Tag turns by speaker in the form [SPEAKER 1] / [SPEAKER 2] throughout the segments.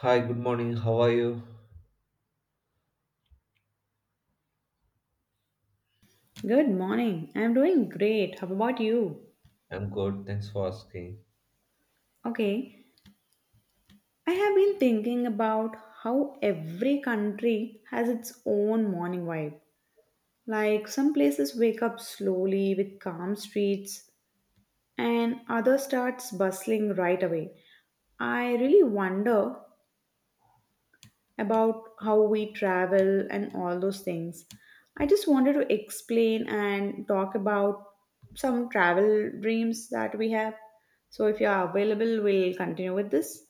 [SPEAKER 1] Hi, good morning. How are you?
[SPEAKER 2] Good morning. I'm doing great. How about you?
[SPEAKER 1] I'm good. Thanks for asking.
[SPEAKER 2] Okay. I have been thinking about how every country has its own morning vibe. Like some places wake up slowly with calm streets and other starts bustling right away. I really wonder about how we travel and all those things. I just wanted to explain and talk about some travel dreams that we have. So, if you are available, we'll continue with this.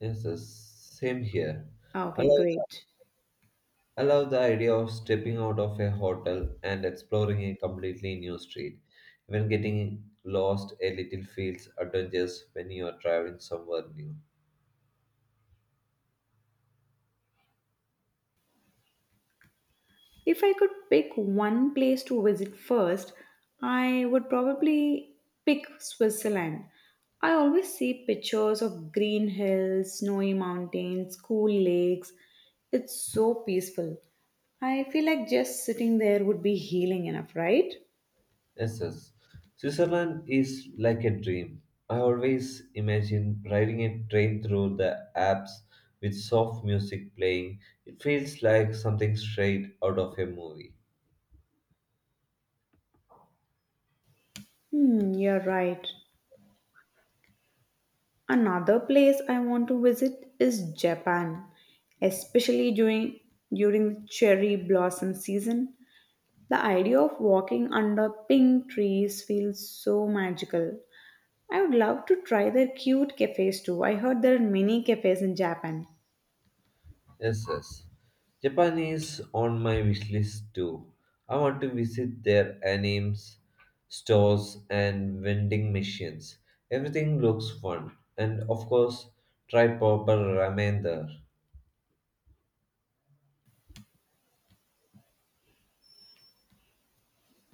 [SPEAKER 1] Yes, the same here. I
[SPEAKER 2] Okay,
[SPEAKER 1] love the,
[SPEAKER 2] great.
[SPEAKER 1] I love the idea of stepping out of a hotel and exploring a completely new street. Even getting lost a little feels adventurous when you are traveling somewhere new.
[SPEAKER 2] If I could pick one place to visit first, I would probably pick Switzerland. I always see pictures of green hills, snowy mountains, cool lakes. It's so peaceful. I feel like just sitting there would be healing enough, right?
[SPEAKER 1] Yes, yes. Switzerland is like a dream. I always imagine riding a train through the Alps with soft music playing. It feels like something straight out of a movie.
[SPEAKER 2] Hmm, you're right. Another place I want to visit is Japan, especially during the cherry blossom season. The idea of walking under pink trees feels so magical. I would love to try their cute cafes too. I heard there are many cafes in Japan.
[SPEAKER 1] Yes, yes. Japan is on my wish list too. I want to visit their animes, stores, and vending machines. Everything looks fun. And of course, try proper ramen there.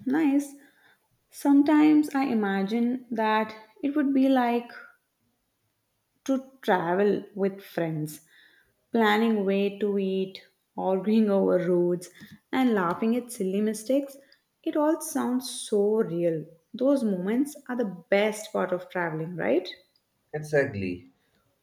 [SPEAKER 2] Nice. Sometimes I imagine that it would be like to travel with friends planning where to eat, arguing over routes, and laughing at silly mistakes. It all sounds so real. Those moments are the best part of traveling, right?
[SPEAKER 1] Exactly.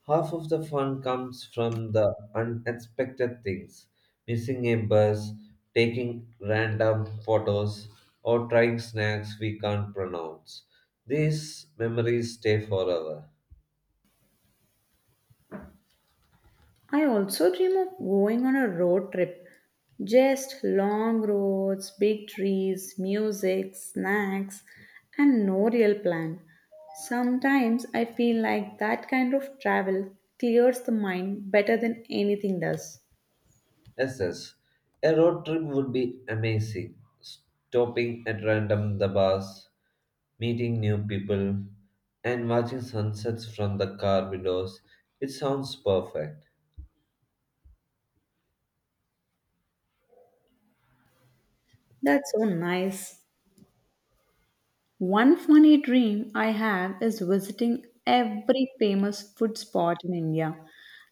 [SPEAKER 1] Half of the fun comes from the unexpected things missing a bus, taking random photos, or trying snacks we can't pronounce. These memories stay forever.
[SPEAKER 2] I also dream of going on a road trip. Just long roads, big trees, music, snacks, and no real plan. Sometimes I feel like that kind of travel clears the mind better than anything does.
[SPEAKER 1] Yes, yes. A road trip would be amazing. Stopping at random the bars, meeting new people, and watching sunsets from the car windows. It sounds perfect.
[SPEAKER 2] That's so nice. One funny dream I have is visiting every famous food spot in India,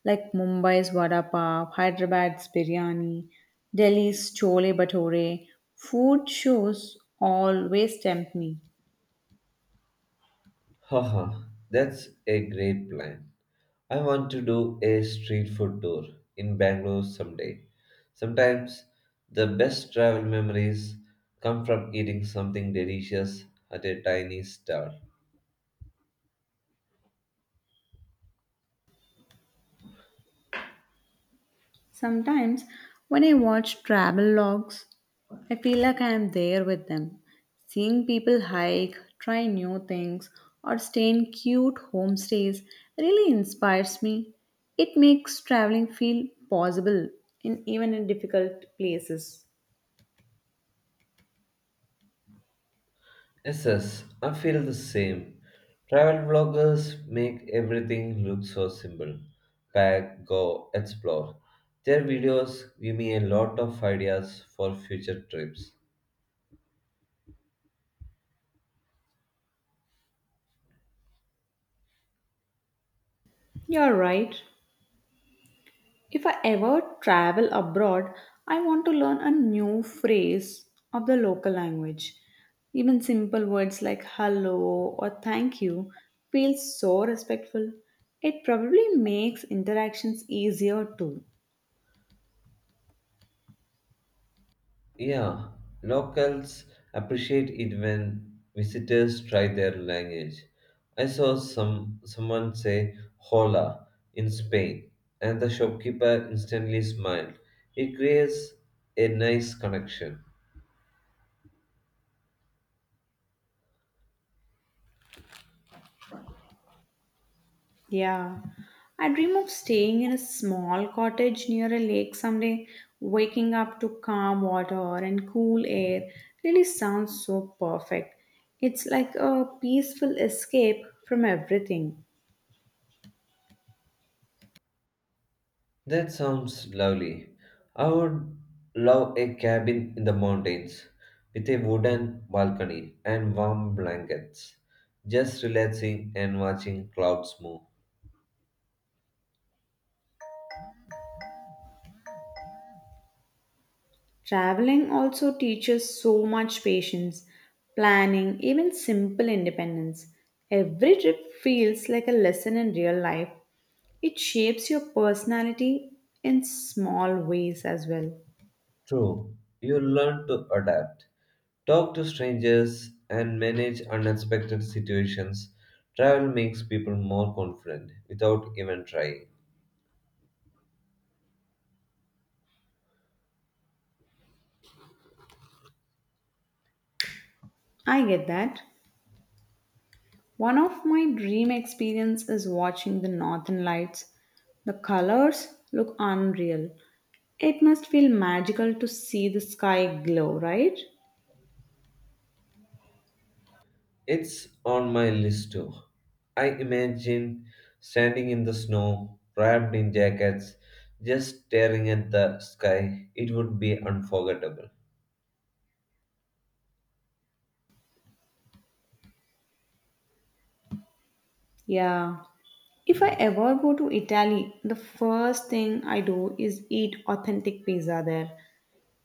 [SPEAKER 2] like Mumbai's vada pav, Hyderabad's biryani, Delhi's chole bhature. Food shows always tempt me.
[SPEAKER 1] Haha, that's a great plan. I want to do a street food tour in Bangalore someday. Sometimes the best travel memories come from eating something delicious at a tiny stall.
[SPEAKER 2] Sometimes when I watch travel logs I feel like I am there with them, seeing people hike, try new things, or stay in cute homestays really inspires me. It makes traveling feel possible in even in difficult places.
[SPEAKER 1] Yes, yes, I feel the same. Travel vloggers make everything look so simple. Pack, go, explore. Their videos give me a lot of ideas for future trips.
[SPEAKER 2] You're right. If I ever travel abroad, I want to learn a new phrase of the local language. Even simple words like hello or thank you feel so respectful. It probably makes interactions easier too.
[SPEAKER 1] Yeah, locals appreciate it when visitors try their language. I saw someone say hola in Spain, and the shopkeeper instantly smiled. It creates a nice connection.
[SPEAKER 2] Yeah. I dream of staying in a small cottage near a lake someday. Waking up to calm water and cool air really sounds so perfect. It's like a peaceful escape from everything.
[SPEAKER 1] That sounds lovely. I would love a cabin in the mountains with a wooden balcony and warm blankets, just relaxing and watching clouds move.
[SPEAKER 2] Traveling also teaches so much patience, planning, even simple independence. Every trip feels like a lesson in real life. It shapes your personality in small ways as well.
[SPEAKER 1] True, you learn to adapt, talk to strangers, and manage unexpected situations. Travel makes people more confident without even trying.
[SPEAKER 2] I get that. One of my dream experience is watching the northern lights. The colors look unreal. It must feel magical to see the sky glow, right?
[SPEAKER 1] It's on my list too. I imagine standing in the snow, wrapped in jackets, just staring at the sky. It would be unforgettable.
[SPEAKER 2] Yeah. If I ever go to Italy, the first thing I do is eat authentic pizza there.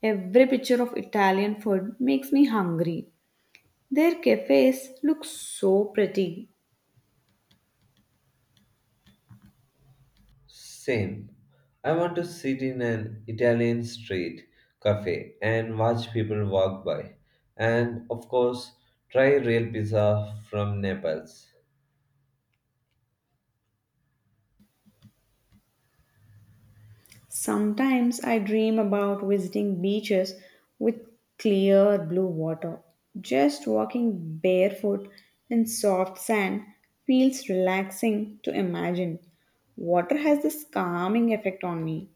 [SPEAKER 2] Every picture of Italian food makes me hungry. Their cafes look so pretty.
[SPEAKER 1] Same. I want to sit in an Italian street cafe and watch people walk by. And of course, try real pizza from Naples.
[SPEAKER 2] Sometimes I dream about visiting beaches with clear blue water. Just walking barefoot in soft sand feels relaxing to imagine. Water has this calming effect on me.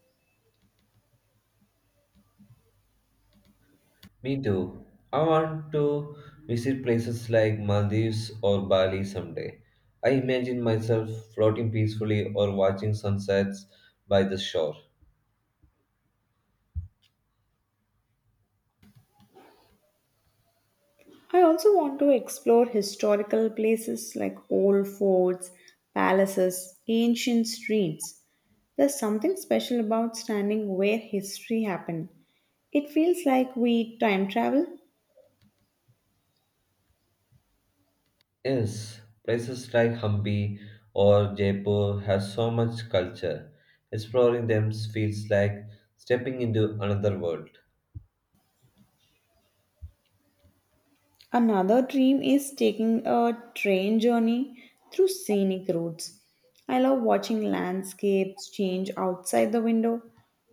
[SPEAKER 1] Me too. I want to visit places like Maldives or Bali someday. I imagine myself floating peacefully or watching sunsets by the shore.
[SPEAKER 2] I also want to explore historical places like old forts, palaces, ancient streets. There's something special about standing where history happened. It feels like we time travel.
[SPEAKER 1] Yes, places like Hampi or Jaipur have so much culture. Exploring them feels like stepping into another world.
[SPEAKER 2] Another dream is taking a train journey through scenic roads. I love watching landscapes change outside the window.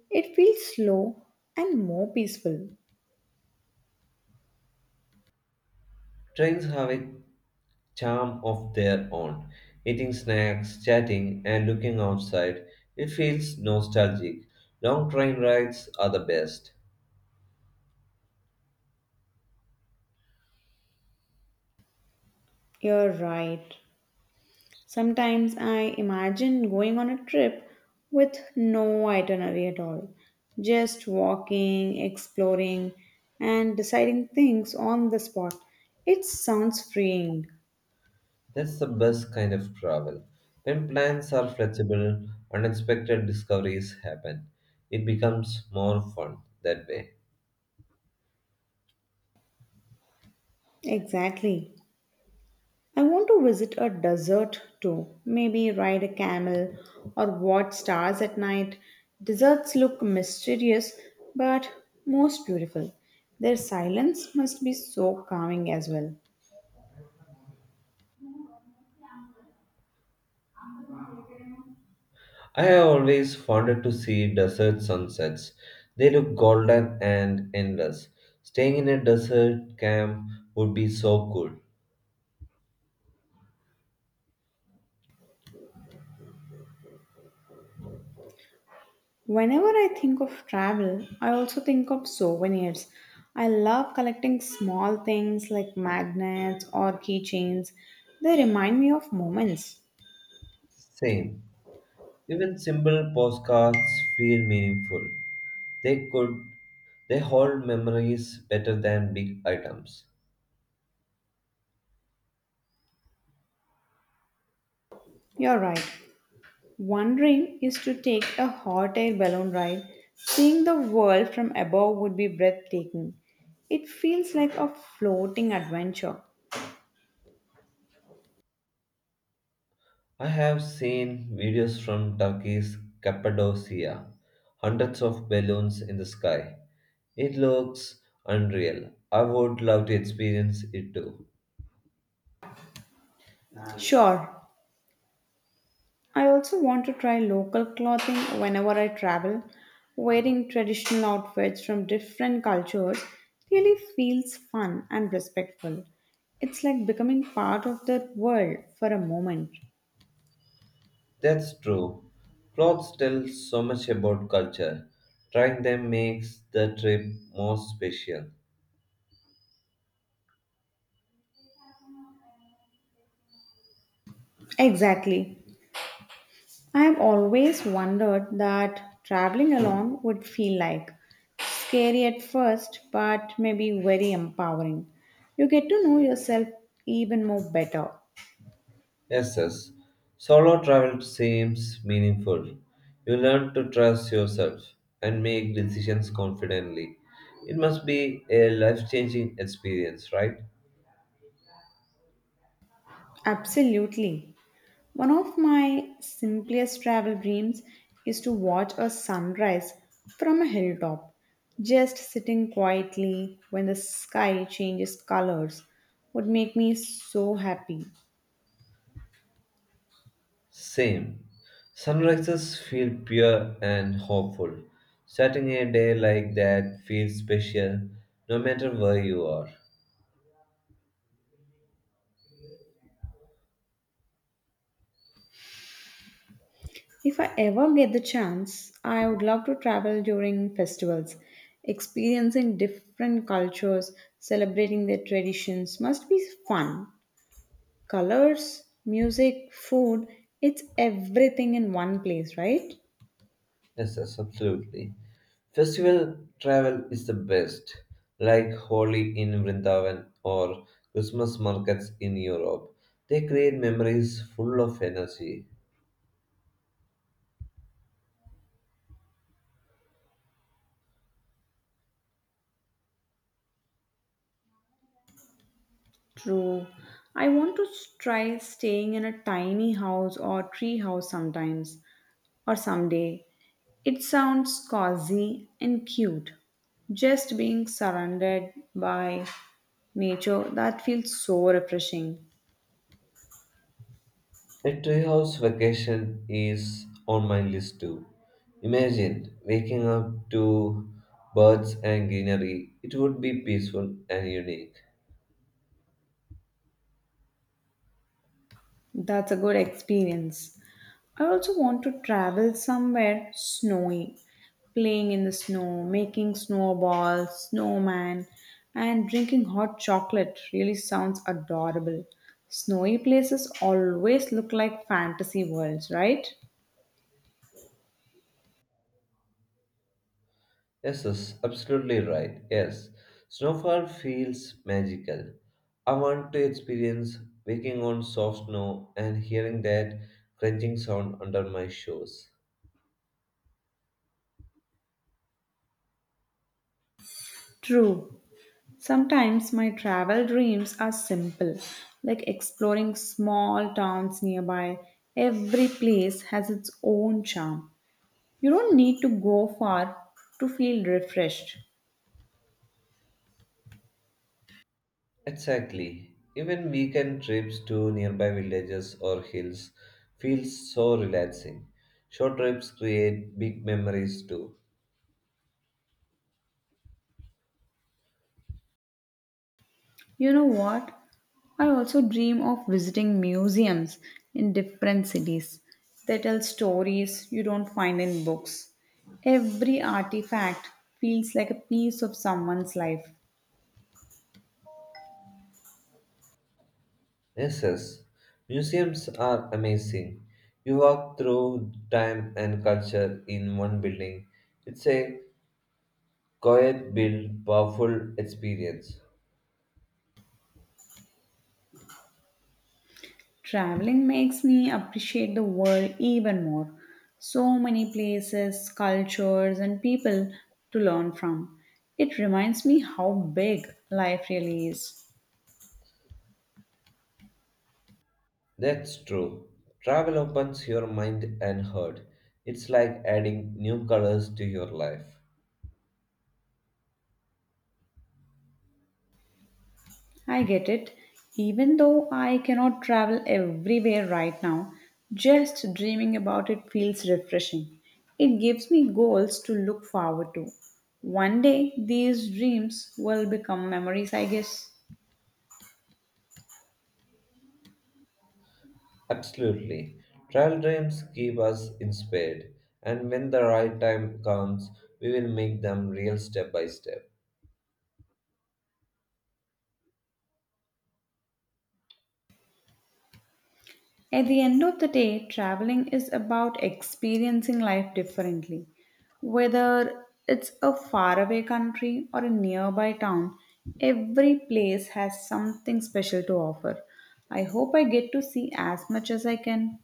[SPEAKER 2] It feels slow and more peaceful.
[SPEAKER 1] Trains have it charm of their own. Eating snacks, chatting, and looking outside, it feels nostalgic. Long train rides are the best.
[SPEAKER 2] You're right. Sometimes I imagine going on a trip with no itinerary at all, just walking, exploring, and deciding things on the spot. It sounds freeing.
[SPEAKER 1] That's the best kind of travel. When plans are flexible, unexpected discoveries happen. It becomes more fun that way.
[SPEAKER 2] Exactly. I want to visit a desert too, maybe ride a camel or watch stars at night. Deserts look mysterious but most beautiful. Their silence must be so calming as well.
[SPEAKER 1] I have always wanted to see desert sunsets. They look golden and endless. Staying in a desert camp would be so cool.
[SPEAKER 2] Whenever I think of travel, I also think of souvenirs. I love collecting small things like magnets or keychains. They remind me of moments.
[SPEAKER 1] Same. Even simple postcards feel meaningful. They could they hold memories better than big items.
[SPEAKER 2] You're right. One dream is to take a hot air balloon ride. Seeing the world from above would be breathtaking. It feels like a floating adventure.
[SPEAKER 1] I have seen videos from Turkey's Cappadocia, hundreds of balloons in the sky. It looks unreal. I would love to experience it too.
[SPEAKER 2] Sure, I also want to try local clothing whenever I travel. Wearing traditional outfits from different cultures really feels fun and respectful. It's like becoming part of the world for a moment.
[SPEAKER 1] That's true. Clothes tell so much about culture. Trying them makes the trip more special.
[SPEAKER 2] Exactly. I have always wondered that traveling alone would feel like scary at first, but maybe very empowering. You get to know yourself even more better.
[SPEAKER 1] Yes, yes. Solo travel seems meaningful. You learn to trust yourself and make decisions confidently. It must be a life changing experience, right?
[SPEAKER 2] Absolutely. One of my simplest travel dreams is to watch a sunrise from a hilltop, just sitting quietly when the sky changes colors would make me so happy.
[SPEAKER 1] Same. Sunrises feel pure and hopeful. Starting a day like that feels special no matter where you are.
[SPEAKER 2] If I ever get the chance, I would love to travel during festivals. Experiencing different cultures, celebrating their traditions must be fun. Colors, music, food, it's everything in one place, right?
[SPEAKER 1] Yes, yes, absolutely. Festival travel is the best, like Holi in Vrindavan or Christmas markets in Europe. They create memories full of energy.
[SPEAKER 2] True. I want to try staying in a tiny house or tree house sometimes or someday. It sounds cozy and cute. Just being surrounded by nature, that feels so refreshing.
[SPEAKER 1] A treehouse vacation is on my list too. Imagine waking up to birds and greenery. It would be peaceful and unique.
[SPEAKER 2] That's a good experience. I also want to travel somewhere snowy, playing in the snow, making snowballs, snowman, and drinking hot chocolate really sounds adorable. Snowy places always look like fantasy worlds, right?
[SPEAKER 1] Yes, yes, absolutely right. Yes, snowfall feels magical. I want to experience waking on soft snow and hearing that crunching sound under my shoes.
[SPEAKER 2] True. Sometimes my travel dreams are simple, like exploring small towns nearby. Every place has its own charm. You don't need to go far to feel refreshed.
[SPEAKER 1] Exactly. Even weekend trips to nearby villages or hills feel so relaxing. Short trips create big memories too.
[SPEAKER 2] You know what? I also dream of visiting museums in different cities. They tell stories you don't find in books. Every artifact feels like a piece of someone's life.
[SPEAKER 1] Yes, yes. Museums are amazing. You walk through time and culture in one building. It's a quiet build powerful experience.
[SPEAKER 2] Traveling makes me appreciate the world even more. So many places, cultures, and people to learn from. It reminds me how big life really is.
[SPEAKER 1] That's true. Travel opens your mind and heart. It's like adding new colors to your life.
[SPEAKER 2] I get it. Even though I cannot travel everywhere right now, just dreaming about it feels refreshing. It gives me goals to look forward to. One day, these dreams will become memories, I guess.
[SPEAKER 1] Absolutely. Travel dreams keep us inspired, and when the right time comes, we will make them real step by step.
[SPEAKER 2] At the end of the day, traveling is about experiencing life differently. Whether it's a faraway country or a nearby town, every place has something special to offer. I hope I get to see as much as I can.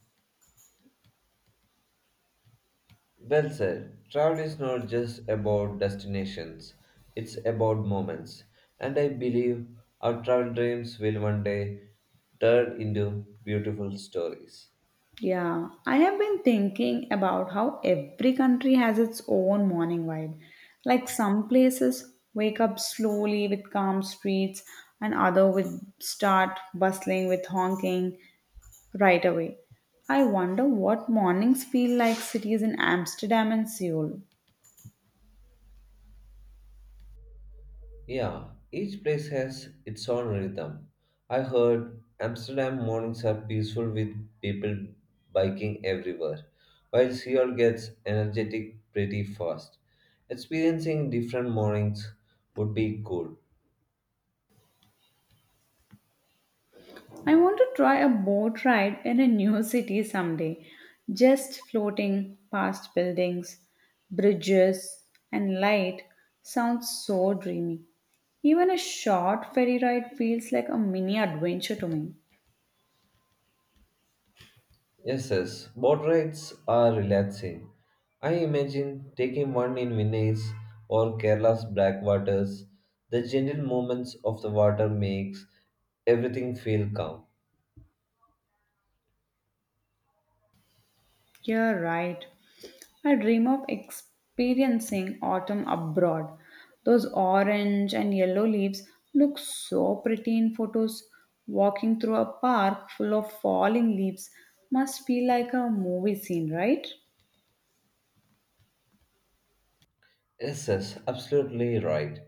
[SPEAKER 1] Well said. Travel is not just about destinations, it's about moments. And I believe our travel dreams will one day turn into beautiful stories.
[SPEAKER 2] Yeah, I have been thinking about how every country has its own morning vibe. Like some places wake up slowly with calm streets, and other would start bustling with honking right away. I wonder what mornings feel like cities in Amsterdam and Seoul.
[SPEAKER 1] Yeah, each place has its own rhythm. I heard Amsterdam mornings are peaceful with people biking everywhere, while Seoul gets energetic pretty fast. Experiencing different mornings would be cool.
[SPEAKER 2] I want to try a boat ride in a new city someday, just floating past buildings, bridges, and light sounds so dreamy. Even a short ferry ride feels like a mini adventure to me.
[SPEAKER 1] Yes, yes, boat rides are relaxing. I imagine taking one in Venice or Kerala's backwaters. The gentle movements of the water makes everything feel calm.
[SPEAKER 2] You're right. I dream of experiencing autumn abroad. Those orange and yellow leaves look so pretty in photos. Walking through a park full of falling leaves must feel like a movie scene, right?
[SPEAKER 1] Yes, yes, absolutely right.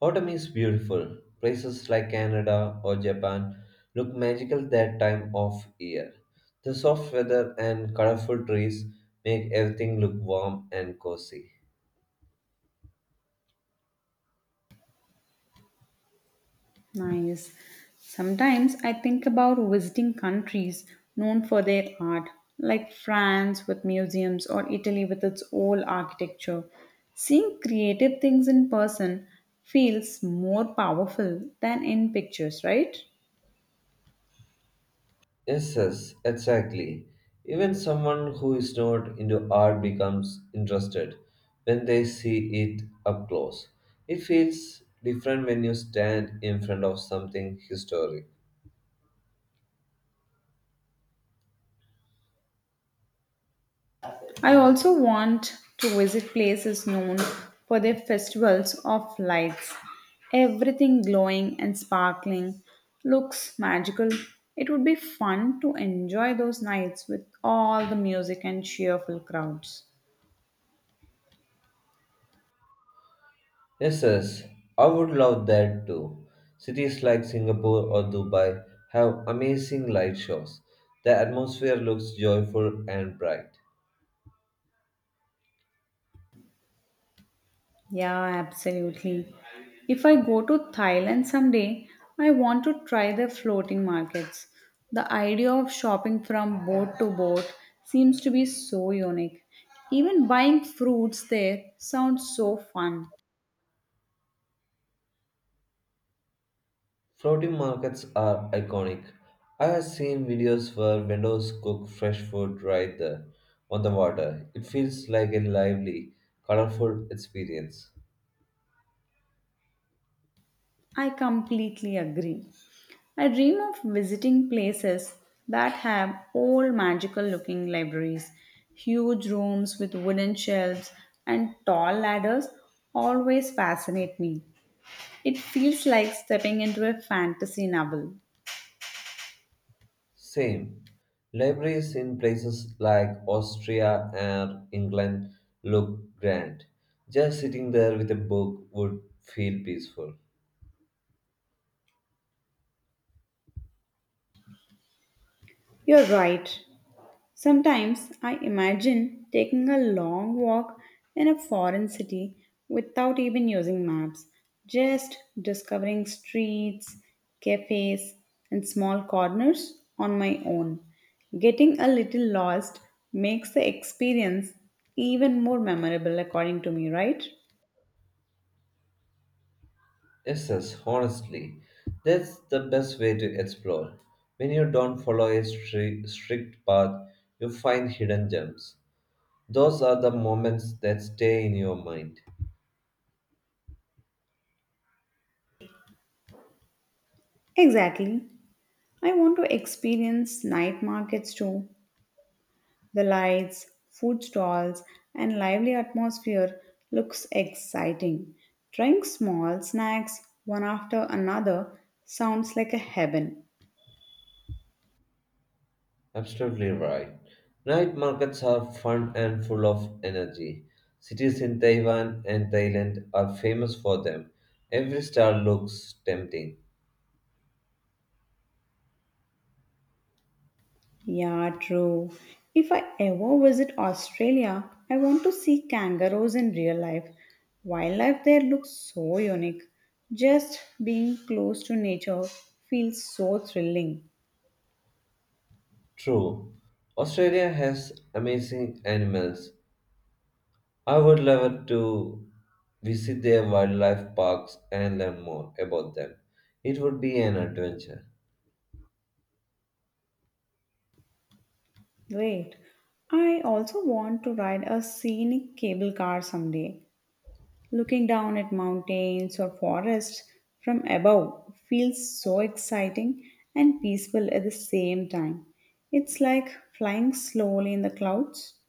[SPEAKER 1] Autumn is beautiful. Places like Canada or Japan look magical that time of year. The soft weather and colorful trees make everything look warm and cozy.
[SPEAKER 2] Nice. Sometimes I think about visiting countries known for their art, like France with museums or Italy with its old architecture. Seeing creative things in person feels more powerful than in pictures, right?
[SPEAKER 1] Yes, yes, exactly. Even someone who is not into art becomes interested when they see it up close. It feels different when you stand in front of something historic.
[SPEAKER 2] I also want to visit places known for their festivals of lights. Everything glowing and sparkling looks magical. It would be fun to enjoy those nights with all the music and cheerful crowds.
[SPEAKER 1] Yes, yes, I would love that too. Cities like Singapore or Dubai have amazing light shows. The atmosphere looks joyful and bright.
[SPEAKER 2] Yeah, absolutely. If I go to Thailand someday, I want to try the floating markets. The idea of shopping from boat to boat seems to be so unique. Even buying fruits there sounds so fun.
[SPEAKER 1] Floating markets are iconic. I have seen videos where vendors cook fresh food right there on the water. It feels like a lively, colorful experience.
[SPEAKER 2] I completely agree. I dream of visiting places that have old magical looking libraries, huge rooms with wooden shelves, and tall ladders always fascinate me. It feels like stepping into a fantasy novel.
[SPEAKER 1] Same. Libraries in places like Austria and England look grand. Just sitting there with a book would feel peaceful.
[SPEAKER 2] You're right. Sometimes I imagine taking a long walk in a foreign city without even using maps, just discovering streets, cafes, and small corners on my own. Getting a little lost makes the experience even more memorable, according to me, right?
[SPEAKER 1] Yes, yes, honestly, that's the best way to explore. When you don't follow a strict path, you find hidden gems. Those are the moments that stay in your mind.
[SPEAKER 2] Exactly. I want to experience night markets too. The lights, food stalls, and lively atmosphere looks exciting. Trying small snacks one after another sounds like a heaven.
[SPEAKER 1] Absolutely right. Night markets are fun and full of energy. Cities in Taiwan and Thailand are famous for them. Every star looks tempting.
[SPEAKER 2] Yeah, true. If I ever visit Australia, I want to see kangaroos in real life. Wildlife there looks so unique. Just being close to nature feels so thrilling.
[SPEAKER 1] True. Australia has amazing animals. I would love to visit their wildlife parks and learn more about them. It would be an adventure.
[SPEAKER 2] Wait, I also want to ride a scenic cable car someday. Looking down at mountains or forests from above feels so exciting and peaceful at the same time. It's like flying slowly in the clouds.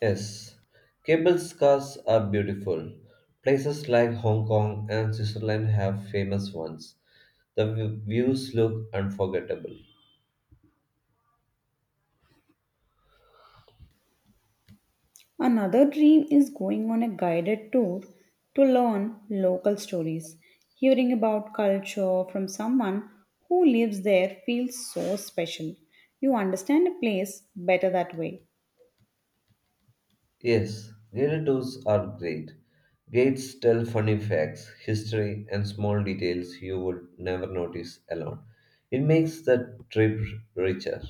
[SPEAKER 1] Yes, cable cars are beautiful. Places like Hong Kong and Switzerland have famous ones. The views look unforgettable.
[SPEAKER 2] Another dream is going on a guided tour to learn local stories. Hearing about culture from someone who lives there feels so special. You understand a place better that way.
[SPEAKER 1] Yes, guided tours are great. Guides tell funny facts, history, and small details you would never notice alone. It makes the trip richer.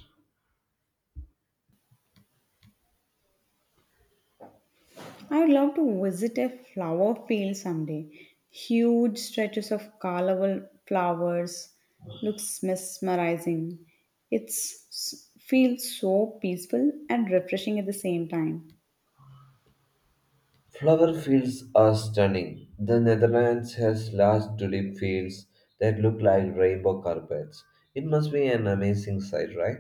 [SPEAKER 2] I would love to visit a flower field someday. Huge stretches of colorful flowers looks mesmerizing. It's feels so peaceful and refreshing at the same time.
[SPEAKER 1] Flower fields are stunning. The Netherlands has large tulip fields that look like rainbow carpets. It must be an amazing sight, right?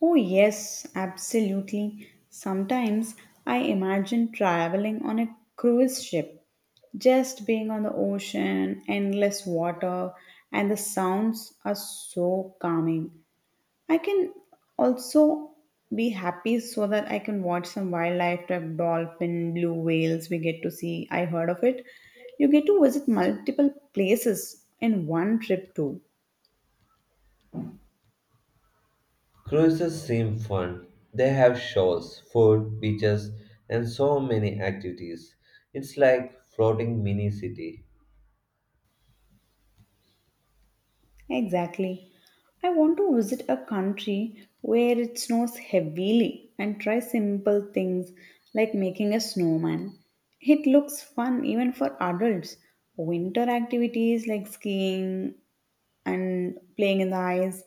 [SPEAKER 2] Oh yes, absolutely. Sometimes I imagine traveling on a cruise ship, just being on the ocean, endless water, and the sounds are so calming. I can also be happy so that I can watch some wildlife like dolphin, blue whales we get to see. I heard of it. You get to visit multiple places in one trip too.
[SPEAKER 1] Cruises seem fun. They have shows, food, beaches, and so many activities. It's like floating mini city.
[SPEAKER 2] Exactly. I want to visit a country where it snows heavily and try simple things like making a snowman. It looks fun even for adults. Winter activities like skiing and playing in the ice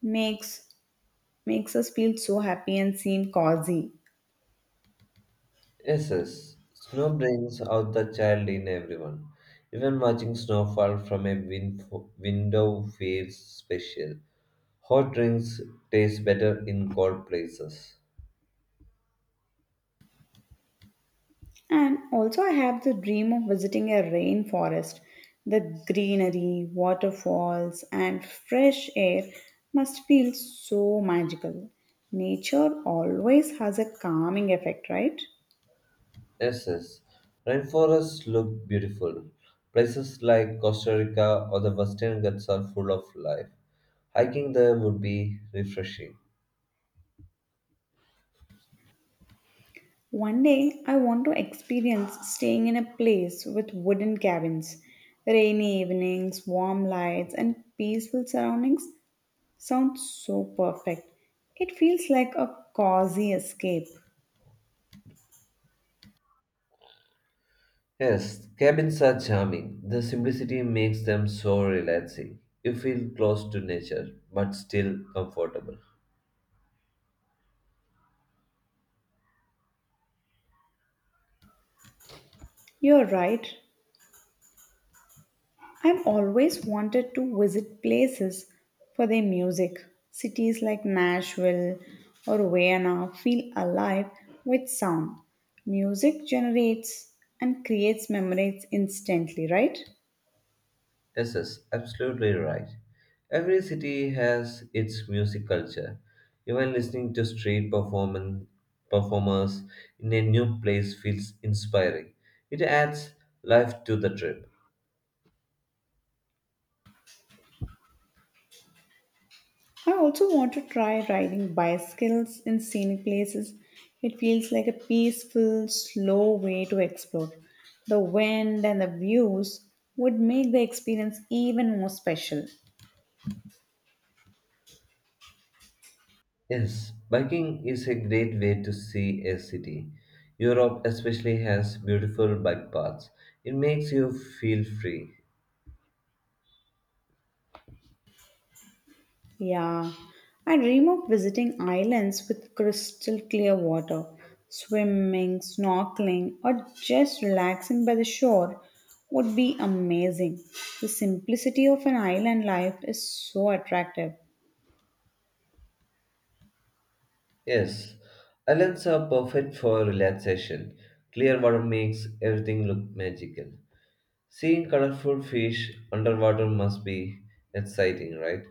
[SPEAKER 2] makes makes us feel so happy and seem cozy.
[SPEAKER 1] Yes, yes. Snow brings out the child in everyone. Even watching snowfall from a window feels special. Hot drinks taste better in cold places.
[SPEAKER 2] And also, I have the dream of visiting a rainforest. The greenery, waterfalls, and fresh air must feel so magical. Nature always has a calming effect, right?
[SPEAKER 1] Yes, yes. Rainforests look beautiful. Places like Costa Rica or the Western Ghats are full of life. Hiking there would be refreshing.
[SPEAKER 2] One day, I want to experience staying in a place with wooden cabins. Rainy evenings, warm lights, and peaceful surroundings sounds so perfect. It feels like a cozy escape.
[SPEAKER 1] Yes, cabins are charming. The simplicity makes them so relaxing. You feel close to nature, but still comfortable.
[SPEAKER 2] You're right. I've always wanted to visit places for their music. Cities like Nashville or Vienna feel alive with sound. Music generates and creates memories instantly, right?
[SPEAKER 1] Yes, yes, absolutely right. Every city has its music culture. Even listening to street performers in a new place feels inspiring. It adds life to the trip.
[SPEAKER 2] I also want to try riding bicycles in scenic places. It feels like a peaceful, slow way to explore. The wind and the views would make the experience even more special.
[SPEAKER 1] Yes, biking is a great way to see a city. Europe especially has beautiful bike paths. It makes you feel free.
[SPEAKER 2] Yeah, I dream of visiting islands with crystal clear water, swimming, snorkeling, or just relaxing by the shore would be amazing. The simplicity of an island life is so attractive.
[SPEAKER 1] Yes, islands are perfect for relaxation. Clear water makes everything look magical. Seeing colorful fish underwater must be exciting, right?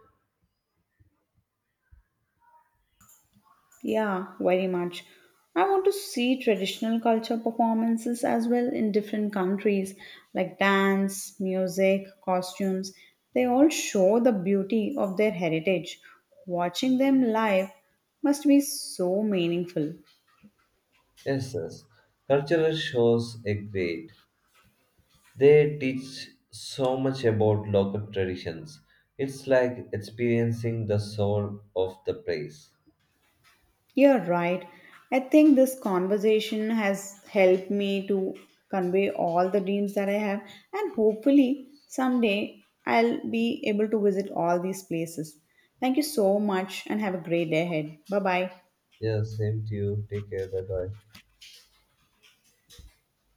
[SPEAKER 2] Yeah, very much. I want to see traditional culture performances as well in different countries, like dance, music, costumes. They all show the beauty of their heritage. Watching them live must be so meaningful.
[SPEAKER 1] Yes, yes. Cultural shows are great. They teach so much about local traditions. It's like experiencing the soul of the place.
[SPEAKER 2] You're right. I think this conversation has helped me to convey all the dreams that I have, and hopefully, someday I'll be able to visit all these places. Thank you so much and have a great day ahead. Bye bye.
[SPEAKER 1] Yeah, same to you. Take care. Bye bye.